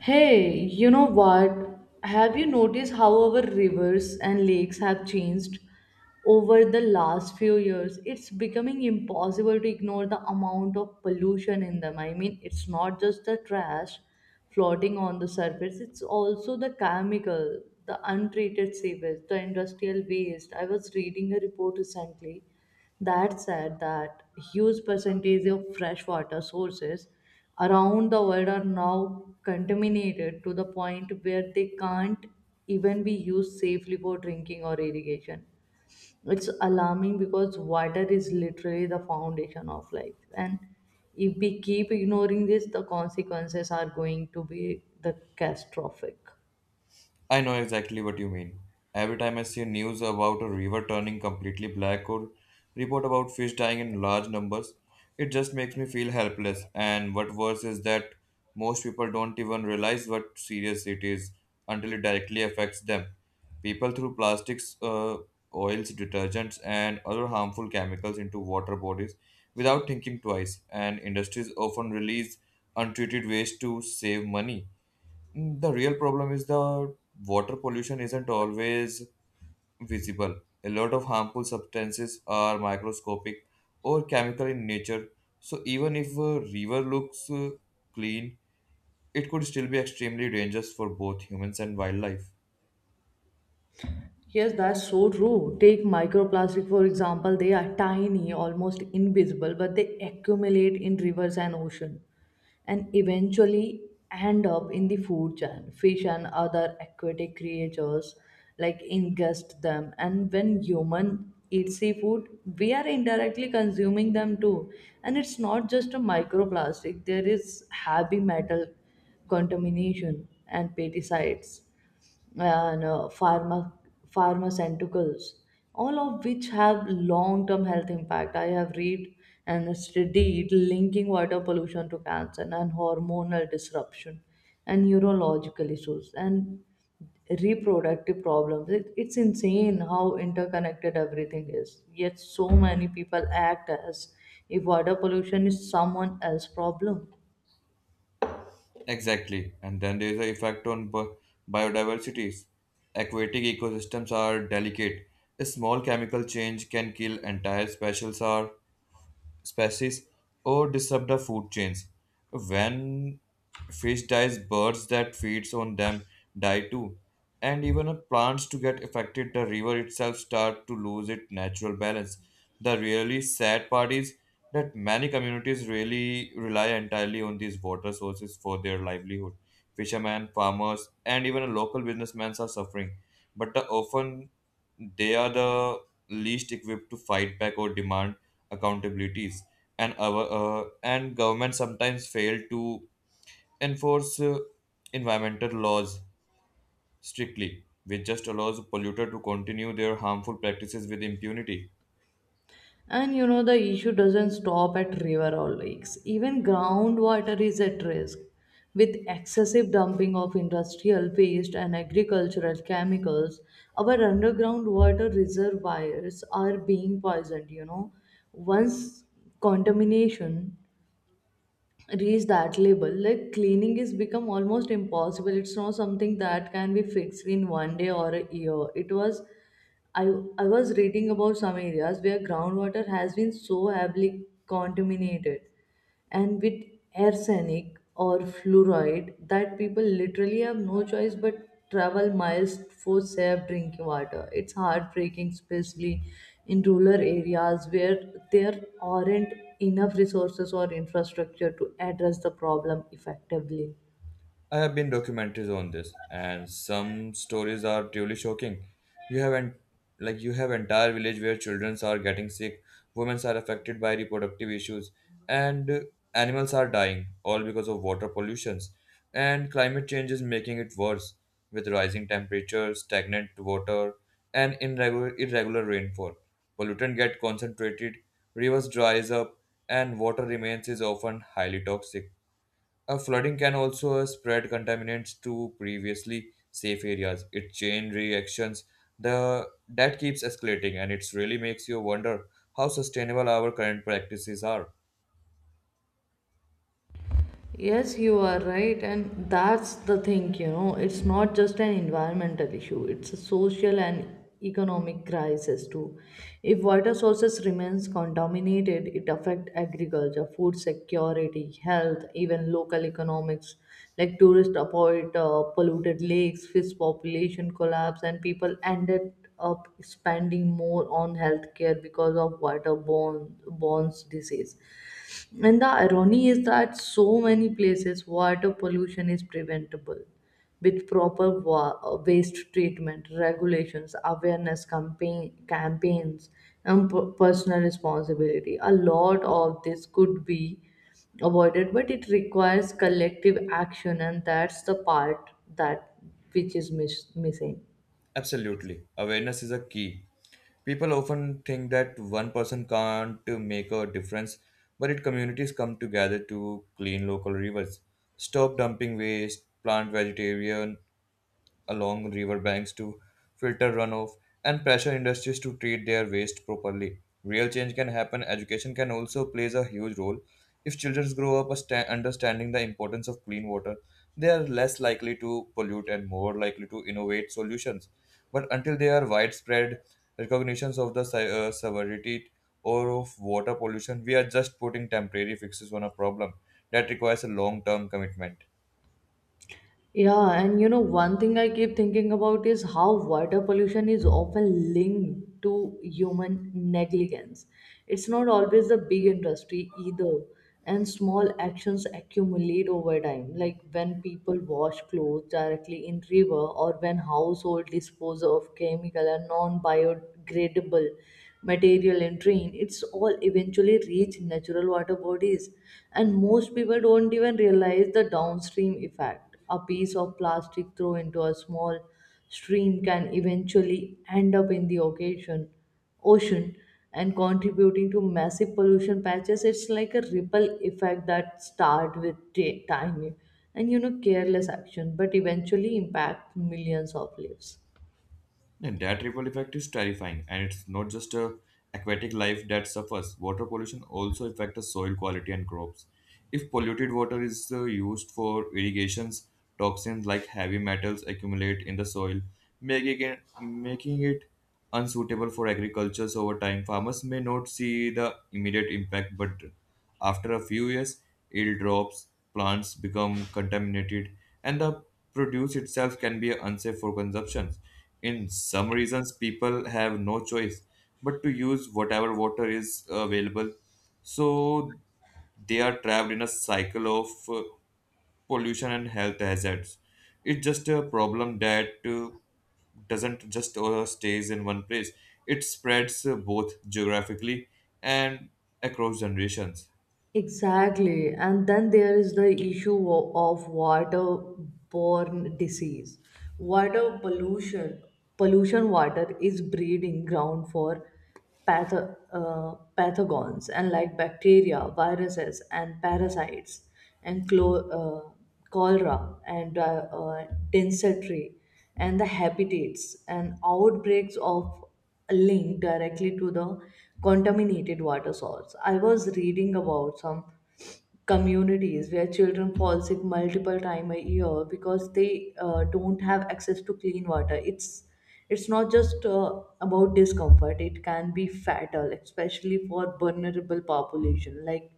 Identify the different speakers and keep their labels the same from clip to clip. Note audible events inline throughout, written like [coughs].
Speaker 1: Hey, you know what? Have you noticed how our rivers and lakes have changed over the last few years? It's becoming impossible to ignore the amount of pollution in them. I mean, it's not just the trash floating on the surface, it's also the chemical, the untreated sewage, the industrial waste. I was reading a report recently that said, that huge percentage of freshwater sources around the world are now contaminated to the point where they can't even be used safely for drinking or irrigation. It's alarming because water is literally the foundation of life. And if we keep ignoring this, the consequences are going to be the catastrophic.
Speaker 2: I know exactly what you mean. Every time I see news about a river turning completely black or report about fish dying in large numbers, it just makes me feel helpless. And what worse is that most people don't even realize what serious it is until it directly affects them. People throw plastics, oils, detergents, and other harmful chemicals into water bodies without thinking twice, and industries often release untreated waste to save money. The real problem is the water pollution isn't always visible. A lot of harmful substances are microscopic or chemical in nature. So even if a river looks clean, it could still be extremely dangerous for both humans and wildlife.
Speaker 1: Yes, that's so true. Take microplastic, for example. They are tiny, almost invisible, but they accumulate in rivers and ocean and eventually end up in the food chain. Fish and other aquatic creatures like ingest them. And when human eat seafood, we are indirectly consuming them too. And it's not just a microplastic, there is heavy metal contamination and pesticides and no, pharma, pharmaceuticals, all of which have long-term health impact. I have read and studied linking water pollution to cancer and hormonal disruption and neurological issues and reproductive problems. It's insane how interconnected everything is. Yet so many people act as if water pollution is someone else's problem.
Speaker 2: Exactly. And then there is the effect on biodiversity. Aquatic ecosystems are delicate. A small chemical change can kill entire species species or disrupt the food chains. When fish dies, birds that feeds on them die too. And even if plants to get affected, the river itself start to lose its natural balance. The really sad part is that many communities really rely entirely on these water sources for their livelihood. Fishermen, farmers, and even local businessmen are suffering, but the often they are the least equipped to fight back or demand accountabilities, and our and government sometimes fail to enforce environmental laws strictly, which just allows polluter to continue their harmful practices with impunity.
Speaker 1: And the issue doesn't stop at river or lakes. Even groundwater is at risk. With excessive dumping of industrial waste and agricultural chemicals, our underground water reservoirs are being poisoned. Once contamination reach that level, like cleaning is become almost impossible. It's not something that can be fixed in one day or a year. It was i i was reading about some areas where groundwater has been so heavily contaminated and with arsenic or fluoride that people literally have no choice but travel miles for safe drinking water. It's heartbreaking, especially in rural areas where there aren't enough resources or infrastructure to address the problem effectively.
Speaker 2: I have been documentaries on this, and some stories are truly shocking. You have en- like you have entire village where children are getting sick, women are affected by reproductive issues, and animals are dying all because of water pollutions. And climate change is making it worse with rising temperatures, stagnant water, and irregular rainfall. Pollutant get concentrated, rivers dries up, and water remains is often highly toxic. A flooding can also spread contaminants to previously safe areas. It chain reactions the that keeps escalating, and it really makes you wonder how sustainable our current practices are.
Speaker 1: Yes, you are right, and that's the thing, it's not just an environmental issue, it's a social and economic crisis too. If water sources remains contaminated, it affects agriculture, food security, health, even local economics, like tourists avoid polluted lakes, fish population collapse, and people ended up spending more on healthcare because of waterborne borne disease. And the irony is that so many places water pollution is preventable with proper waste treatment, regulations, awareness campaigns, and personal responsibility. A lot of this could be avoided, but it requires collective action, and that's the part that which is missing.
Speaker 2: Absolutely, awareness is a key. People often think that one person can't make a difference, but it communities come together to clean local rivers, stop dumping waste, plant vegetarian along riverbanks to filter runoff and pressure industries to treat their waste properly. Real change can happen. Education can also plays a huge role. If children grow up understanding the importance of clean water, they are less likely to pollute and more likely to innovate solutions. But until there are widespread recognitions of the severity or of water pollution, we are just putting temporary fixes on a problem that requires a long-term commitment.
Speaker 1: Yeah, and one thing I keep thinking about is how water pollution is often linked to human negligence. It's not always the big industry either, and small actions accumulate over time, like when people wash clothes directly in river or when household dispose of chemical and non-biodegradable material in drain. It's all eventually reach natural water bodies, and most people don't even realize the downstream effect impact. A piece of plastic thrown into a small stream can eventually end up in the ocean and contributing to massive pollution patches. It's like a ripple effect that start with tiny and careless action but eventually impact millions of lives.
Speaker 2: And that ripple effect is terrifying, and it's not just a aquatic life that suffers. Water pollution also affects the soil quality and crops. If polluted water is used for irrigations, toxins like heavy metals accumulate in the soil, making it unsuitable for agriculture. So over time, farmers may not see the immediate impact, but after a few years, yield drops, plants become contaminated, and the produce itself can be unsafe for consumption. In some reasons, people have no choice but to use whatever water is available. So they are trapped in a cycle of pollution and health hazards. It's just a problem that doesn't just stays in one place. It spreads both geographically and across generations.
Speaker 1: Exactly. And then there is the issue of waterborne disease. Water pollution, pollution water is breeding ground for pathogens and like bacteria, viruses, and parasites, and cholera, and uh, dysentery, and the habitats and outbreaks of a link directly to the contaminated water source. I was reading about some communities where children fall sick multiple times a year because they don't have access to clean water. It's not just about discomfort; it can be fatal, especially for vulnerable population like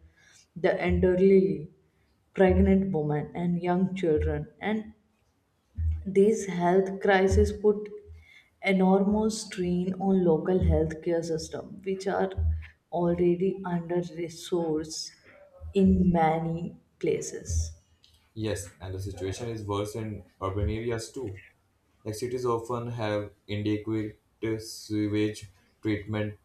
Speaker 1: the elderly, pregnant women, and young children. And this health crisis put enormous strain on local healthcare system, which are already under resourced in many places.
Speaker 2: Yes, and the situation is worse in urban areas too. Like cities often have inadequate sewage treatment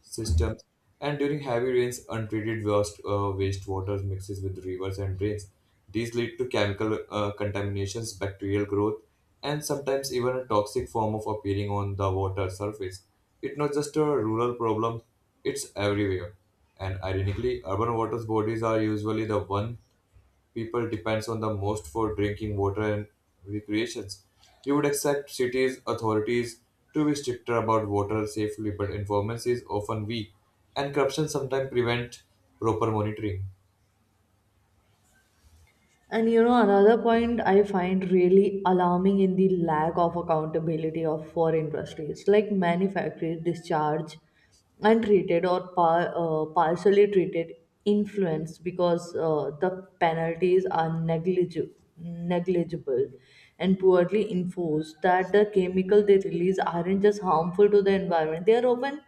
Speaker 2: systems, and during heavy rains, untreated wastewater mixes with rivers and drains. These lead to chemical contaminations, bacterial growth, and sometimes even a toxic form of appearing on the water surface. It's not just a rural problem; it's everywhere. And ironically, urban water bodies are usually the one people depends on the most for drinking water and recreations. You would expect cities authorities to be stricter about water safely, but enforcement is often weak, and corruption sometimes prevent proper monitoring.
Speaker 1: And another point I find really alarming in the lack of accountability of for industries, like many factories discharge untreated or partially treated influence because the penalties are negligible and poorly enforced. That the chemical they release aren't just harmful to the environment; they are often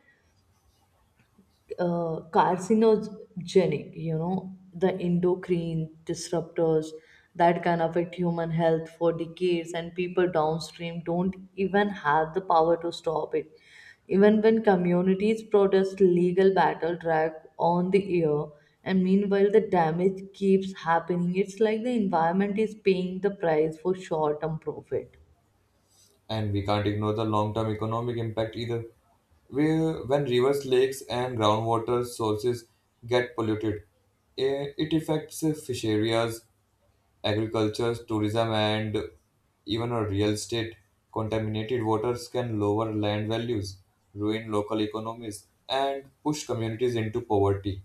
Speaker 1: carcinogenic, the endocrine disruptors that can affect human health for decades, and people downstream don't even have the power to stop it. Even when communities protest, legal battle drag on the year, and meanwhile, the damage keeps happening. It's like the environment is paying the price for short term profit.
Speaker 2: And we can't ignore the long-term economic impact either. Where when rivers, lakes, and groundwater sources get polluted, eh, it affects fish areas, agriculture, tourism, and even a real estate. Contaminated waters can lower land values, ruin local economies, and push communities into poverty.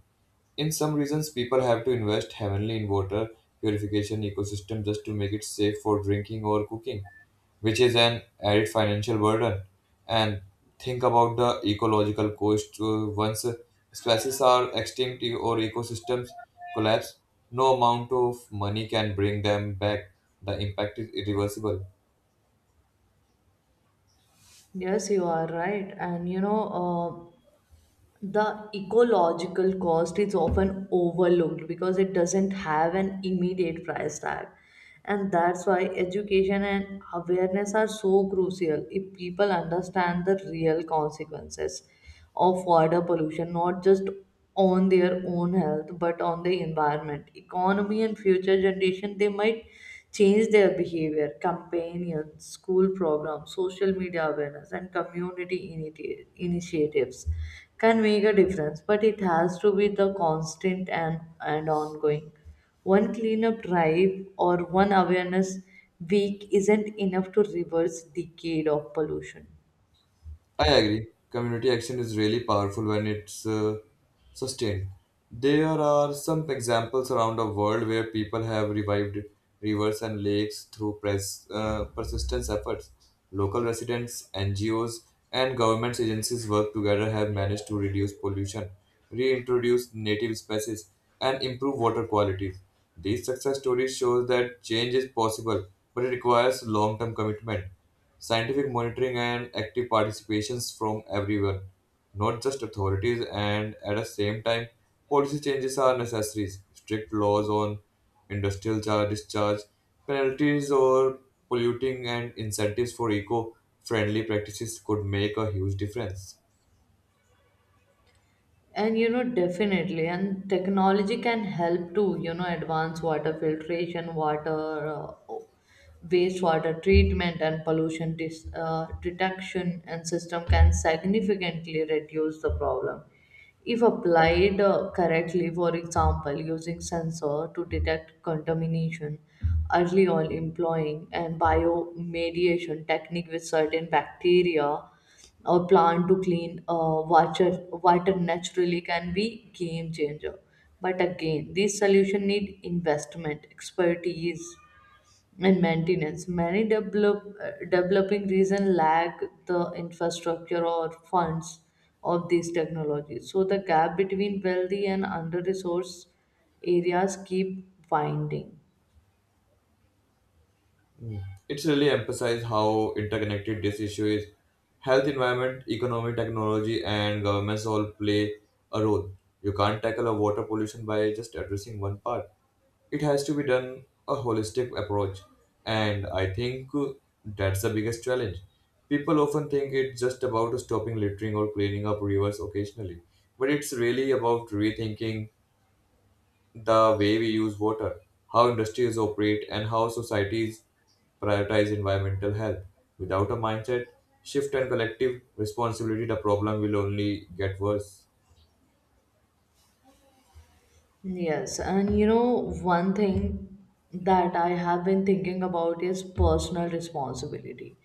Speaker 2: In some regions, people have to invest heavily in water purification ecosystem just to make it safe for drinking or cooking, which is an added financial burden. And think about the ecological cost. Once species are extinct or ecosystems collapse, no amount of money can bring them back. The impact is irreversible.
Speaker 1: Yes, you are right. And the ecological cost is often overlooked because it doesn't have an immediate price tag. And that's why education and awareness are so crucial. If people understand the real consequences of water pollution, not just on their own health but on the environment, economy, and future generation, they might change their behavior. Companions, school programs, social media awareness, and community initiatives can make a difference, but it has to be the constant and ongoing. One cleanup drive or one awareness week isn't enough to reverse decade of pollution.
Speaker 2: I agree. Community action is really powerful when it's sustained. There are some examples around the world where people have revived rivers and lakes through persistence efforts. Local residents, NGOs, and government agencies work together have managed to reduce pollution, reintroduce native species, and improve water quality. These success stories show that change is possible, but it requires long-term commitment, scientific monitoring, and active participations from everyone, not just authorities. And at the same time, policy changes are necessary. Strict laws on industrial charge discharge, penalties or polluting, and incentives for eco-friendly practices could make a huge difference.
Speaker 1: And definitely, and technology can help to, advance water filtration, uh, wastewater treatment, and pollution detection and system can significantly reduce the problem. If applied correctly, for example, using sensor to detect contamination early on, employing and biomediation technique with certain bacteria or plan to clean water naturally can be game changer. But again, these solution need investment, expertise, and maintenance. Many developing region lack the infrastructure or funds of these technologies. So the gap between wealthy and under-resourced areas keep widening.
Speaker 2: It's really emphasized how interconnected this issue is. Health, environment, economy, technology, and governments all play a role. You can't tackle a water pollution by just addressing one part. It has to be done a holistic approach, and I think that's the biggest challenge. People often think it's just about stopping littering or cleaning up rivers occasionally, but it's really about rethinking the way we use water, how industries operate, and how societies prioritize environmental health. Without a mindset shift and collective responsibility, the problem will only get worse.
Speaker 1: Yes, and one thing that I have been thinking about is personal responsibility.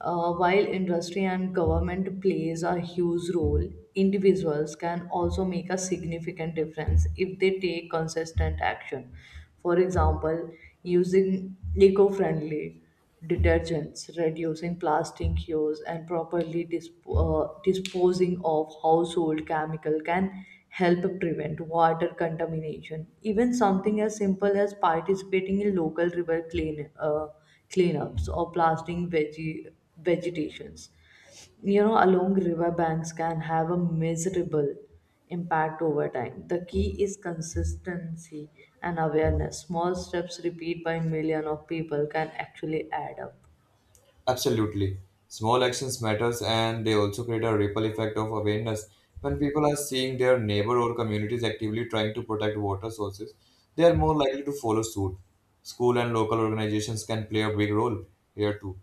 Speaker 1: While industry and government plays a huge role, individuals can also make a significant difference if they take consistent action. For example, using eco-friendly detergents, reducing plastic use, and properly disposing of household chemical can help prevent water contamination. Even something as simple as participating in local river cleanups or planting veggie vegetations, along river banks can have a miserable impact over time. The key is consistency and awareness. Small steps repeated by millions of people can actually add up.
Speaker 2: Absolutely. Small actions matters and they also create a ripple effect of awareness. When people are seeing their neighbor or communities actively trying to protect water sources, they are more likely to follow suit. School and local organizations can play a big role here too.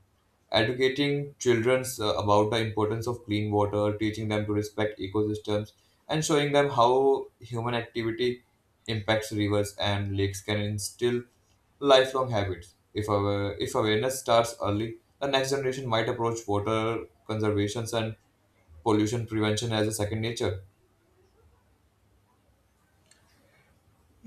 Speaker 2: Educating children about the importance of clean water, teaching them to respect ecosystems, and showing them how human activity impacts rivers and lakes can instill lifelong habits. If awareness starts early, the next generation might approach water conservation and pollution prevention as a second nature.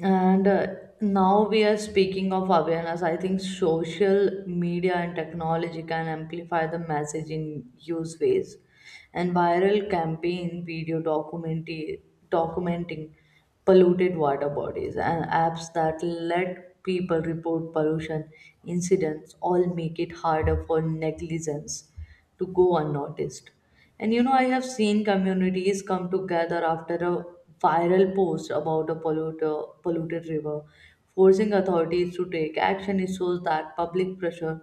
Speaker 1: And now we are speaking of awareness. I think social media and technology can amplify the message in use ways. And viral campaign video documentary documenting polluted water bodies and apps that let people report pollution incidents all make it harder for negligence to go unnoticed. And I have seen communities come together after a viral post about a polluted river, forcing authorities to take action. It shows that public pressure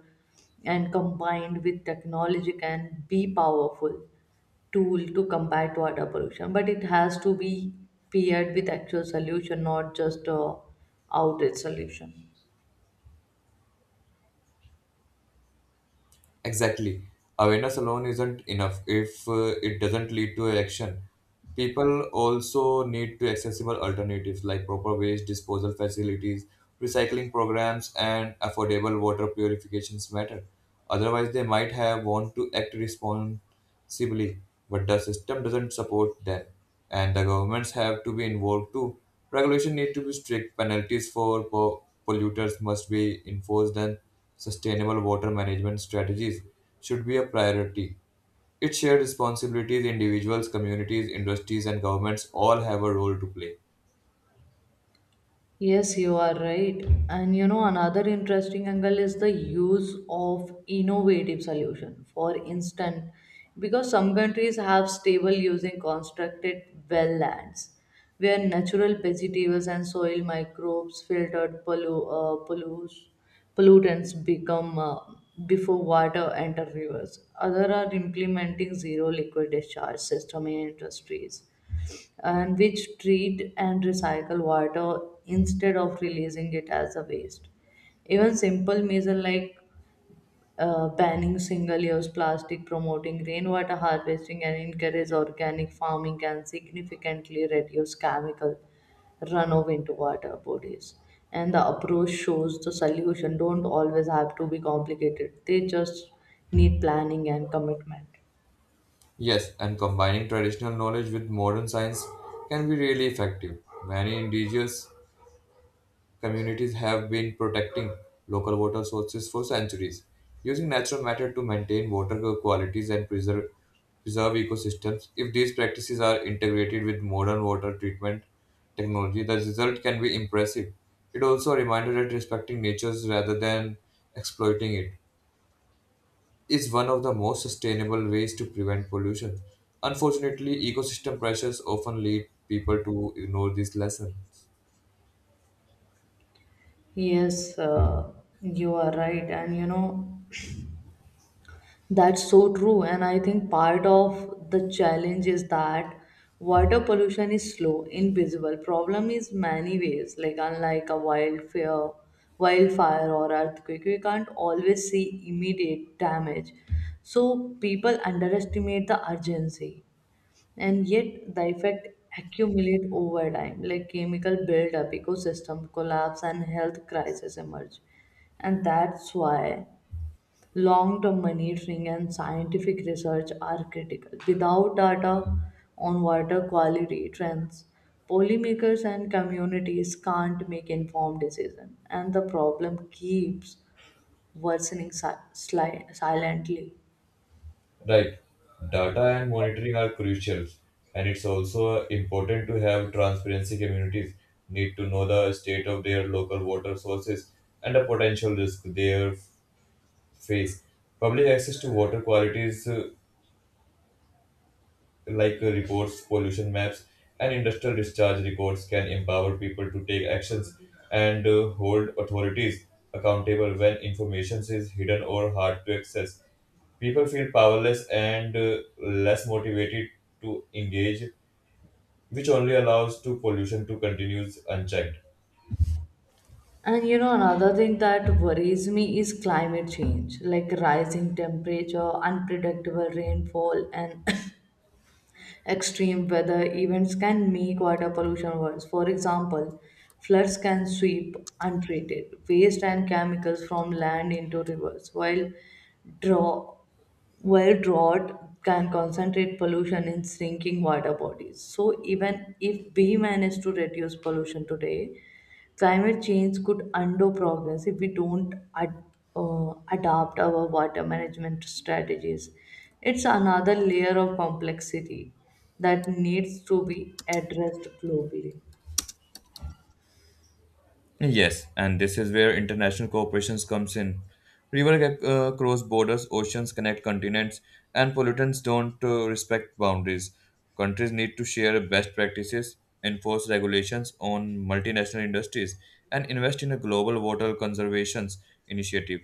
Speaker 1: and combined with technology can be powerful tool to combat water pollution, but it has to be paired with actual solution, not just a outrage solution.
Speaker 2: Exactly. Awareness alone isn't enough if it doesn't lead to action. People also need to accessible alternatives like proper waste disposal facilities, recycling programs, and affordable water purifications matter. Otherwise, they might have want to act responsibly, but the system doesn't support them, and the governments have to be involved too. Regulation need to be strict. Penalties for polluters must be enforced, and sustainable water management strategies should be a priority. Its shared responsibilities, individuals, communities, industries, and governments all have a role to play.
Speaker 1: Yes, you are right. And another interesting angle is the use of innovative solution. For instance, because some countries have stable using constructed wetlands where natural vegetables and soil microbes filtered pollutes pollutants become before water enter rivers. Other are implementing zero liquid discharge system in industries, and which treat and recycle water instead of releasing it as a waste. Even simple measure like banning single-use plastic, promoting rainwater harvesting, and encourage organic farming can significantly reduce chemical runoff into water bodies. And the approach shows the solution don't always have to be complicated. They just need planning and commitment.
Speaker 2: Yes, and combining traditional knowledge with modern science can be really effective. Many indigenous communities have been protecting local water sources for centuries, using natural matter to maintain water qualities and preserve ecosystems. If these practices are integrated with modern water treatment technology, the result can be impressive. It also reminded that respecting nature rather than exploiting it is one of the most sustainable ways to prevent pollution. Unfortunately, ecosystem pressures often lead people to ignore these lessons.
Speaker 1: Yes, you are right, and you know. That's so true. And I think part of the challenge is that water pollution is slow, invisible. Problem is many ways, like unlike a wildfire or earthquake, we can't always see immediate damage. So people underestimate the urgency. And yet the effect accumulate over time, like chemical buildup, ecosystem collapse, and health crisis emerge. And that's why long term monitoring and scientific research are critical. Without data on water quality trends, policymakers and communities can't make informed decisions, and the problem keeps worsening silently.
Speaker 2: Right. Data and monitoring are crucial, and it's also important to have transparency. Communities need to know the state of their local water sources and the potential risk they face. Public access to water quality is like reports, pollution maps, and industrial discharge records can empower people to take actions and hold authorities accountable when information is hidden or hard to access. People feel powerless and less motivated to engage, which only allows to pollution to continue unchecked.
Speaker 1: And another thing that worries me is climate change, like rising temperature, unpredictable rainfall, and [laughs] [coughs] extreme weather events can make water pollution worse. For example, floods can sweep untreated waste and chemicals from land into rivers, while draw where drought can concentrate pollution in shrinking water bodies. So, even if we manage to reduce pollution today, climate change could undo progress if we don't adapt our water management strategies. It's another layer of complexity that needs to be addressed globally.
Speaker 2: Yes, and this is where international cooperation comes in. Rivers get, cross borders, oceans connect continents, and pollutants don't respect boundaries. Countries need to share best practices, enforce regulations on multinational industries, and invest in a global water conservation initiative.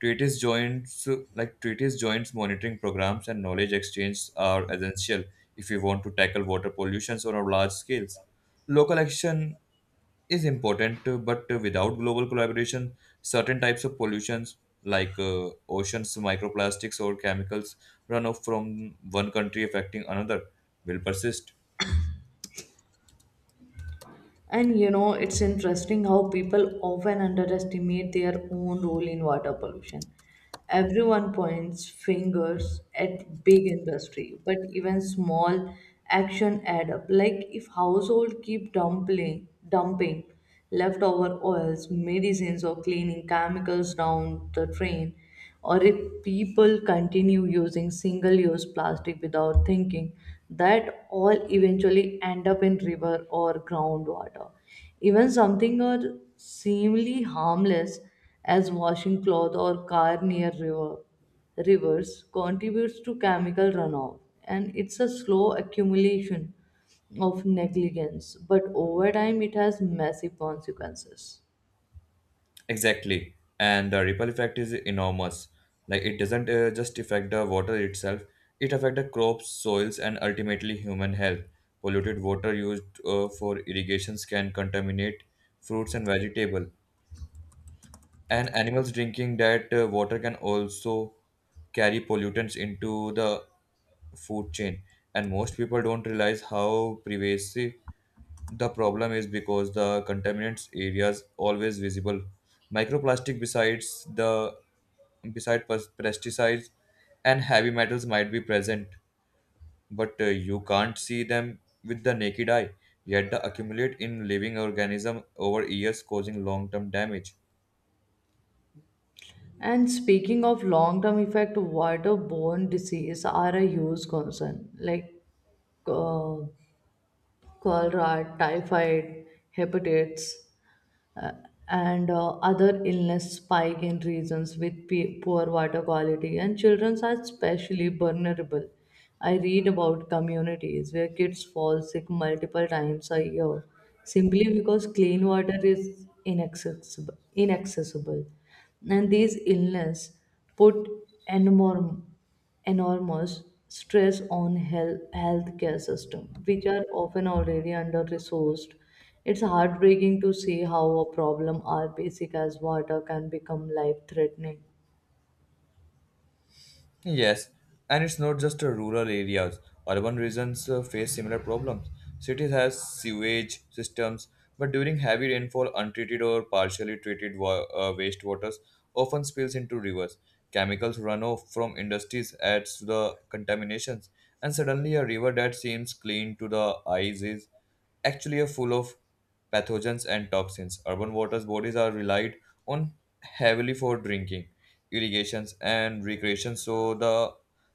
Speaker 2: Treaties joints like treaties joints monitoring programs and knowledge exchange are essential if we want to tackle water pollutions on a large scales. Local action is important, but without global collaboration, certain types of pollutions like oceans, microplastics, or chemicals run off from one country affecting another will persist.
Speaker 1: And it's interesting how people often underestimate their own role in water pollution. Everyone points fingers at big industry, but even small action add up. Like if household keep dumping leftover oils, medicines, or cleaning chemicals down the drain, or if people continue using single use plastic without thinking that all eventually end up in river or groundwater, even something or seemingly harmless as washing cloth or car near rivers contributes to chemical runoff. And it's a slow accumulation of negligence, but over time it has massive consequences.
Speaker 2: Exactly, and the ripple effect is enormous. Like it doesn't just affect the water itself; it affects the crops, soils, and ultimately human health. Polluted water used for irrigations can contaminate fruits and vegetable, and animals drinking that water can also carry pollutants into the food chain. And most people don't realize how pervasive the problem is because the contaminants areas always visible, microplastic beside pesticides and heavy metals might be present, but you can't see them with the naked eye, yet they accumulate in living organism over years causing long term damage.
Speaker 1: And speaking of long term effect, waterborne disease are a huge concern. Like uh, cholera, typhoid, hepatitis, uh, and other illness spike in regions with poor water quality, and children are especially vulnerable. I read about communities where kids fall sick multiple times a year simply because clean water is inaccessible. And these illness put enorm- enormous stress on healthcare system, which are often already under-resourced. It's heartbreaking to see how a problem as basic as water can become life-threatening.
Speaker 2: Yes, and it's not just rural areas. Urban regions face similar problems. Cities have sewage systems, but during heavy rainfall, untreated or partially treated wastewaters often spills into rivers. Chemicals run off from industries adds to the contaminations, and suddenly a river that seems clean to the eyes is actually a full of pathogens, and toxins. Urban waters bodies are relied on heavily for drinking, irrigations, and recreation, so the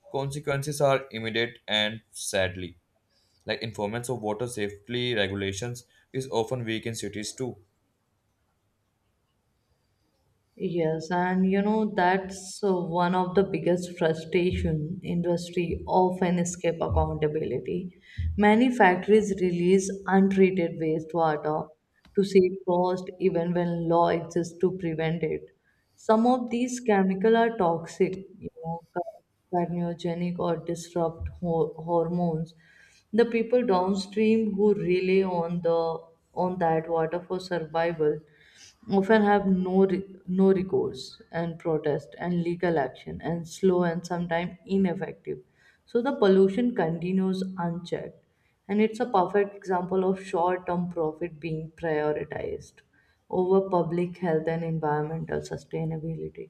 Speaker 2: consequences are immediate and sadly. Like informants of water safety regulations is often weak in cities too,
Speaker 1: Yes, and that's one of the biggest frustration. Industry often escape accountability. Many factories release untreated wastewater to save cost even when law exists to prevent it. Some of these chemical are toxic, carcinogenic or disrupt hormones. The people downstream who rely on the on that water for survival often have no recourse. And protest and legal action and slow and sometimes ineffective, so the pollution continues unchecked. And it's a perfect example of short term profit being prioritized over public health and environmental sustainability.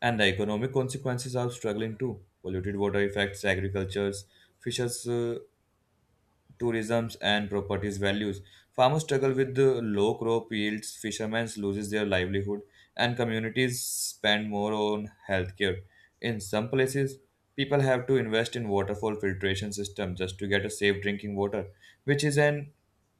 Speaker 2: and the economic consequences are struggling too. Polluted water affects agricultures, fishes, tourisms and properties values. Farmers struggle with the low crop yields, fishermen loses their livelihood, and communities spend more on healthcare. In some places, people have to invest in waterfall filtration system just to get a safe drinking water, which is an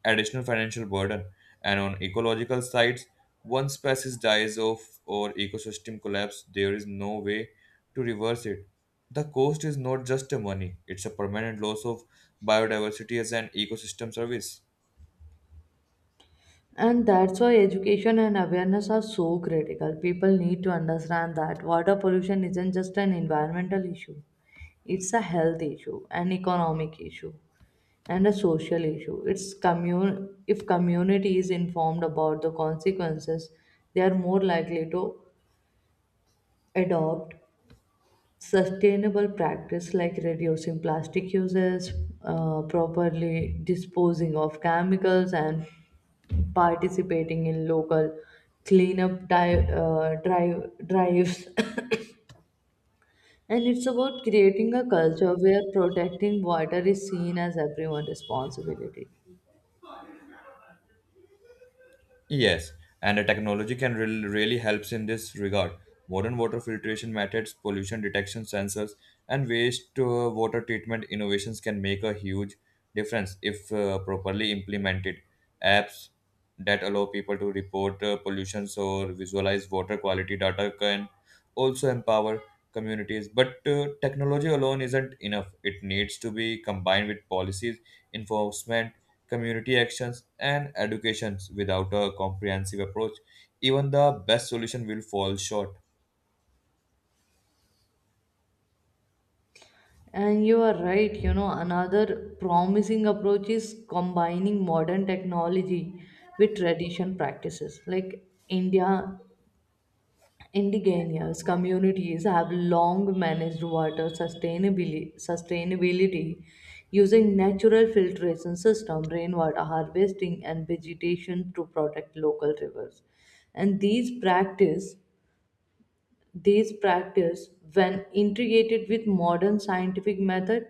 Speaker 2: additional financial burden. And on ecological sides, once species dies off or ecosystem collapse, there is no way to reverse it. The cost is not just a money, it's a permanent loss of biodiversity as an ecosystem service.
Speaker 1: And that's why education and awareness are so critical. People need to understand that water pollution isn't just an environmental issue, it's a health issue, an economic issue, and a social issue. It's if community is informed about the consequences, they are more likely to adopt sustainable practice like reducing plastic uses, properly disposing of chemicals, and participating in local cleanup drives. [coughs] And it's about creating a culture where protecting water is seen as everyone's responsibility.
Speaker 2: Yes, and the technology can really helps in this regard. Modern water filtration methods, pollution detection sensors, and waste water treatment innovations can make a huge difference if properly implemented. Apps that allow people to report pollutions or visualize water quality data can also empower communities. But technology alone isn't enough. It needs to be combined with policies, enforcement, community actions, and educations. Without a comprehensive approach, even the best solution will fall short.
Speaker 1: And you are right, another promising approach is combining modern technology with tradition practices. Like India, indigenous communities have long managed water sustainability using natural filtration system, rainwater harvesting, and vegetation to protect local rivers. And these practice, when integrated with modern scientific method,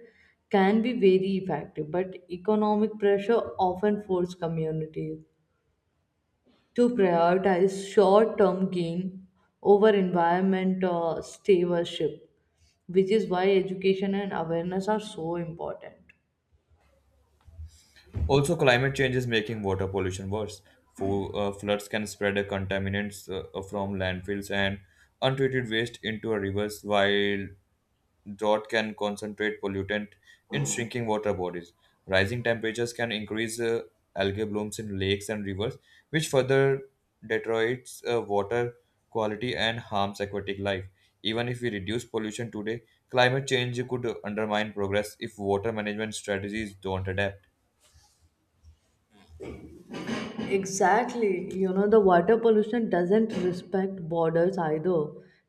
Speaker 1: can be very effective, but economic pressure often force communities to prioritize short-term gain over environment stewardship, which is why education and awareness are so important.
Speaker 2: Also, climate change is making water pollution worse. Floods can spread contaminants from landfills and untreated waste into rivers, while drought can concentrate pollutant in shrinking water bodies. Rising temperatures can increase algae blooms in lakes and rivers, which further deteriorates water quality and harms aquatic life. Even if we reduce pollution today, climate change could undermine progress if water management strategies don't adapt.
Speaker 1: Exactly. The water pollution doesn't respect borders either.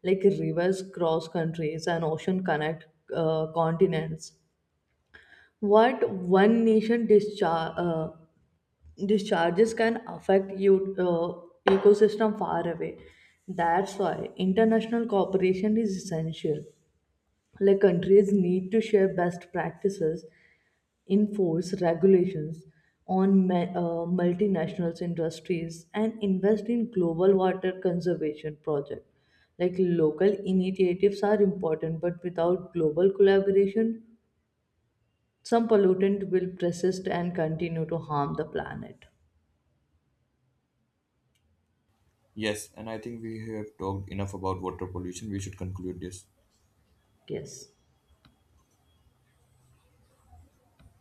Speaker 1: Like rivers cross countries and ocean connect continents. What one nation discharges can affect you ecosystem far away. That's why international cooperation is essential, like countries need to share best practices, enforce regulations on multinational industries, and invest in global water conservation projects. Like local initiatives are important, but without global collaboration, some pollutant will persist and continue to harm the planet.
Speaker 2: Yes, and I think we have talked enough about water pollution. We should conclude this.
Speaker 1: Yes.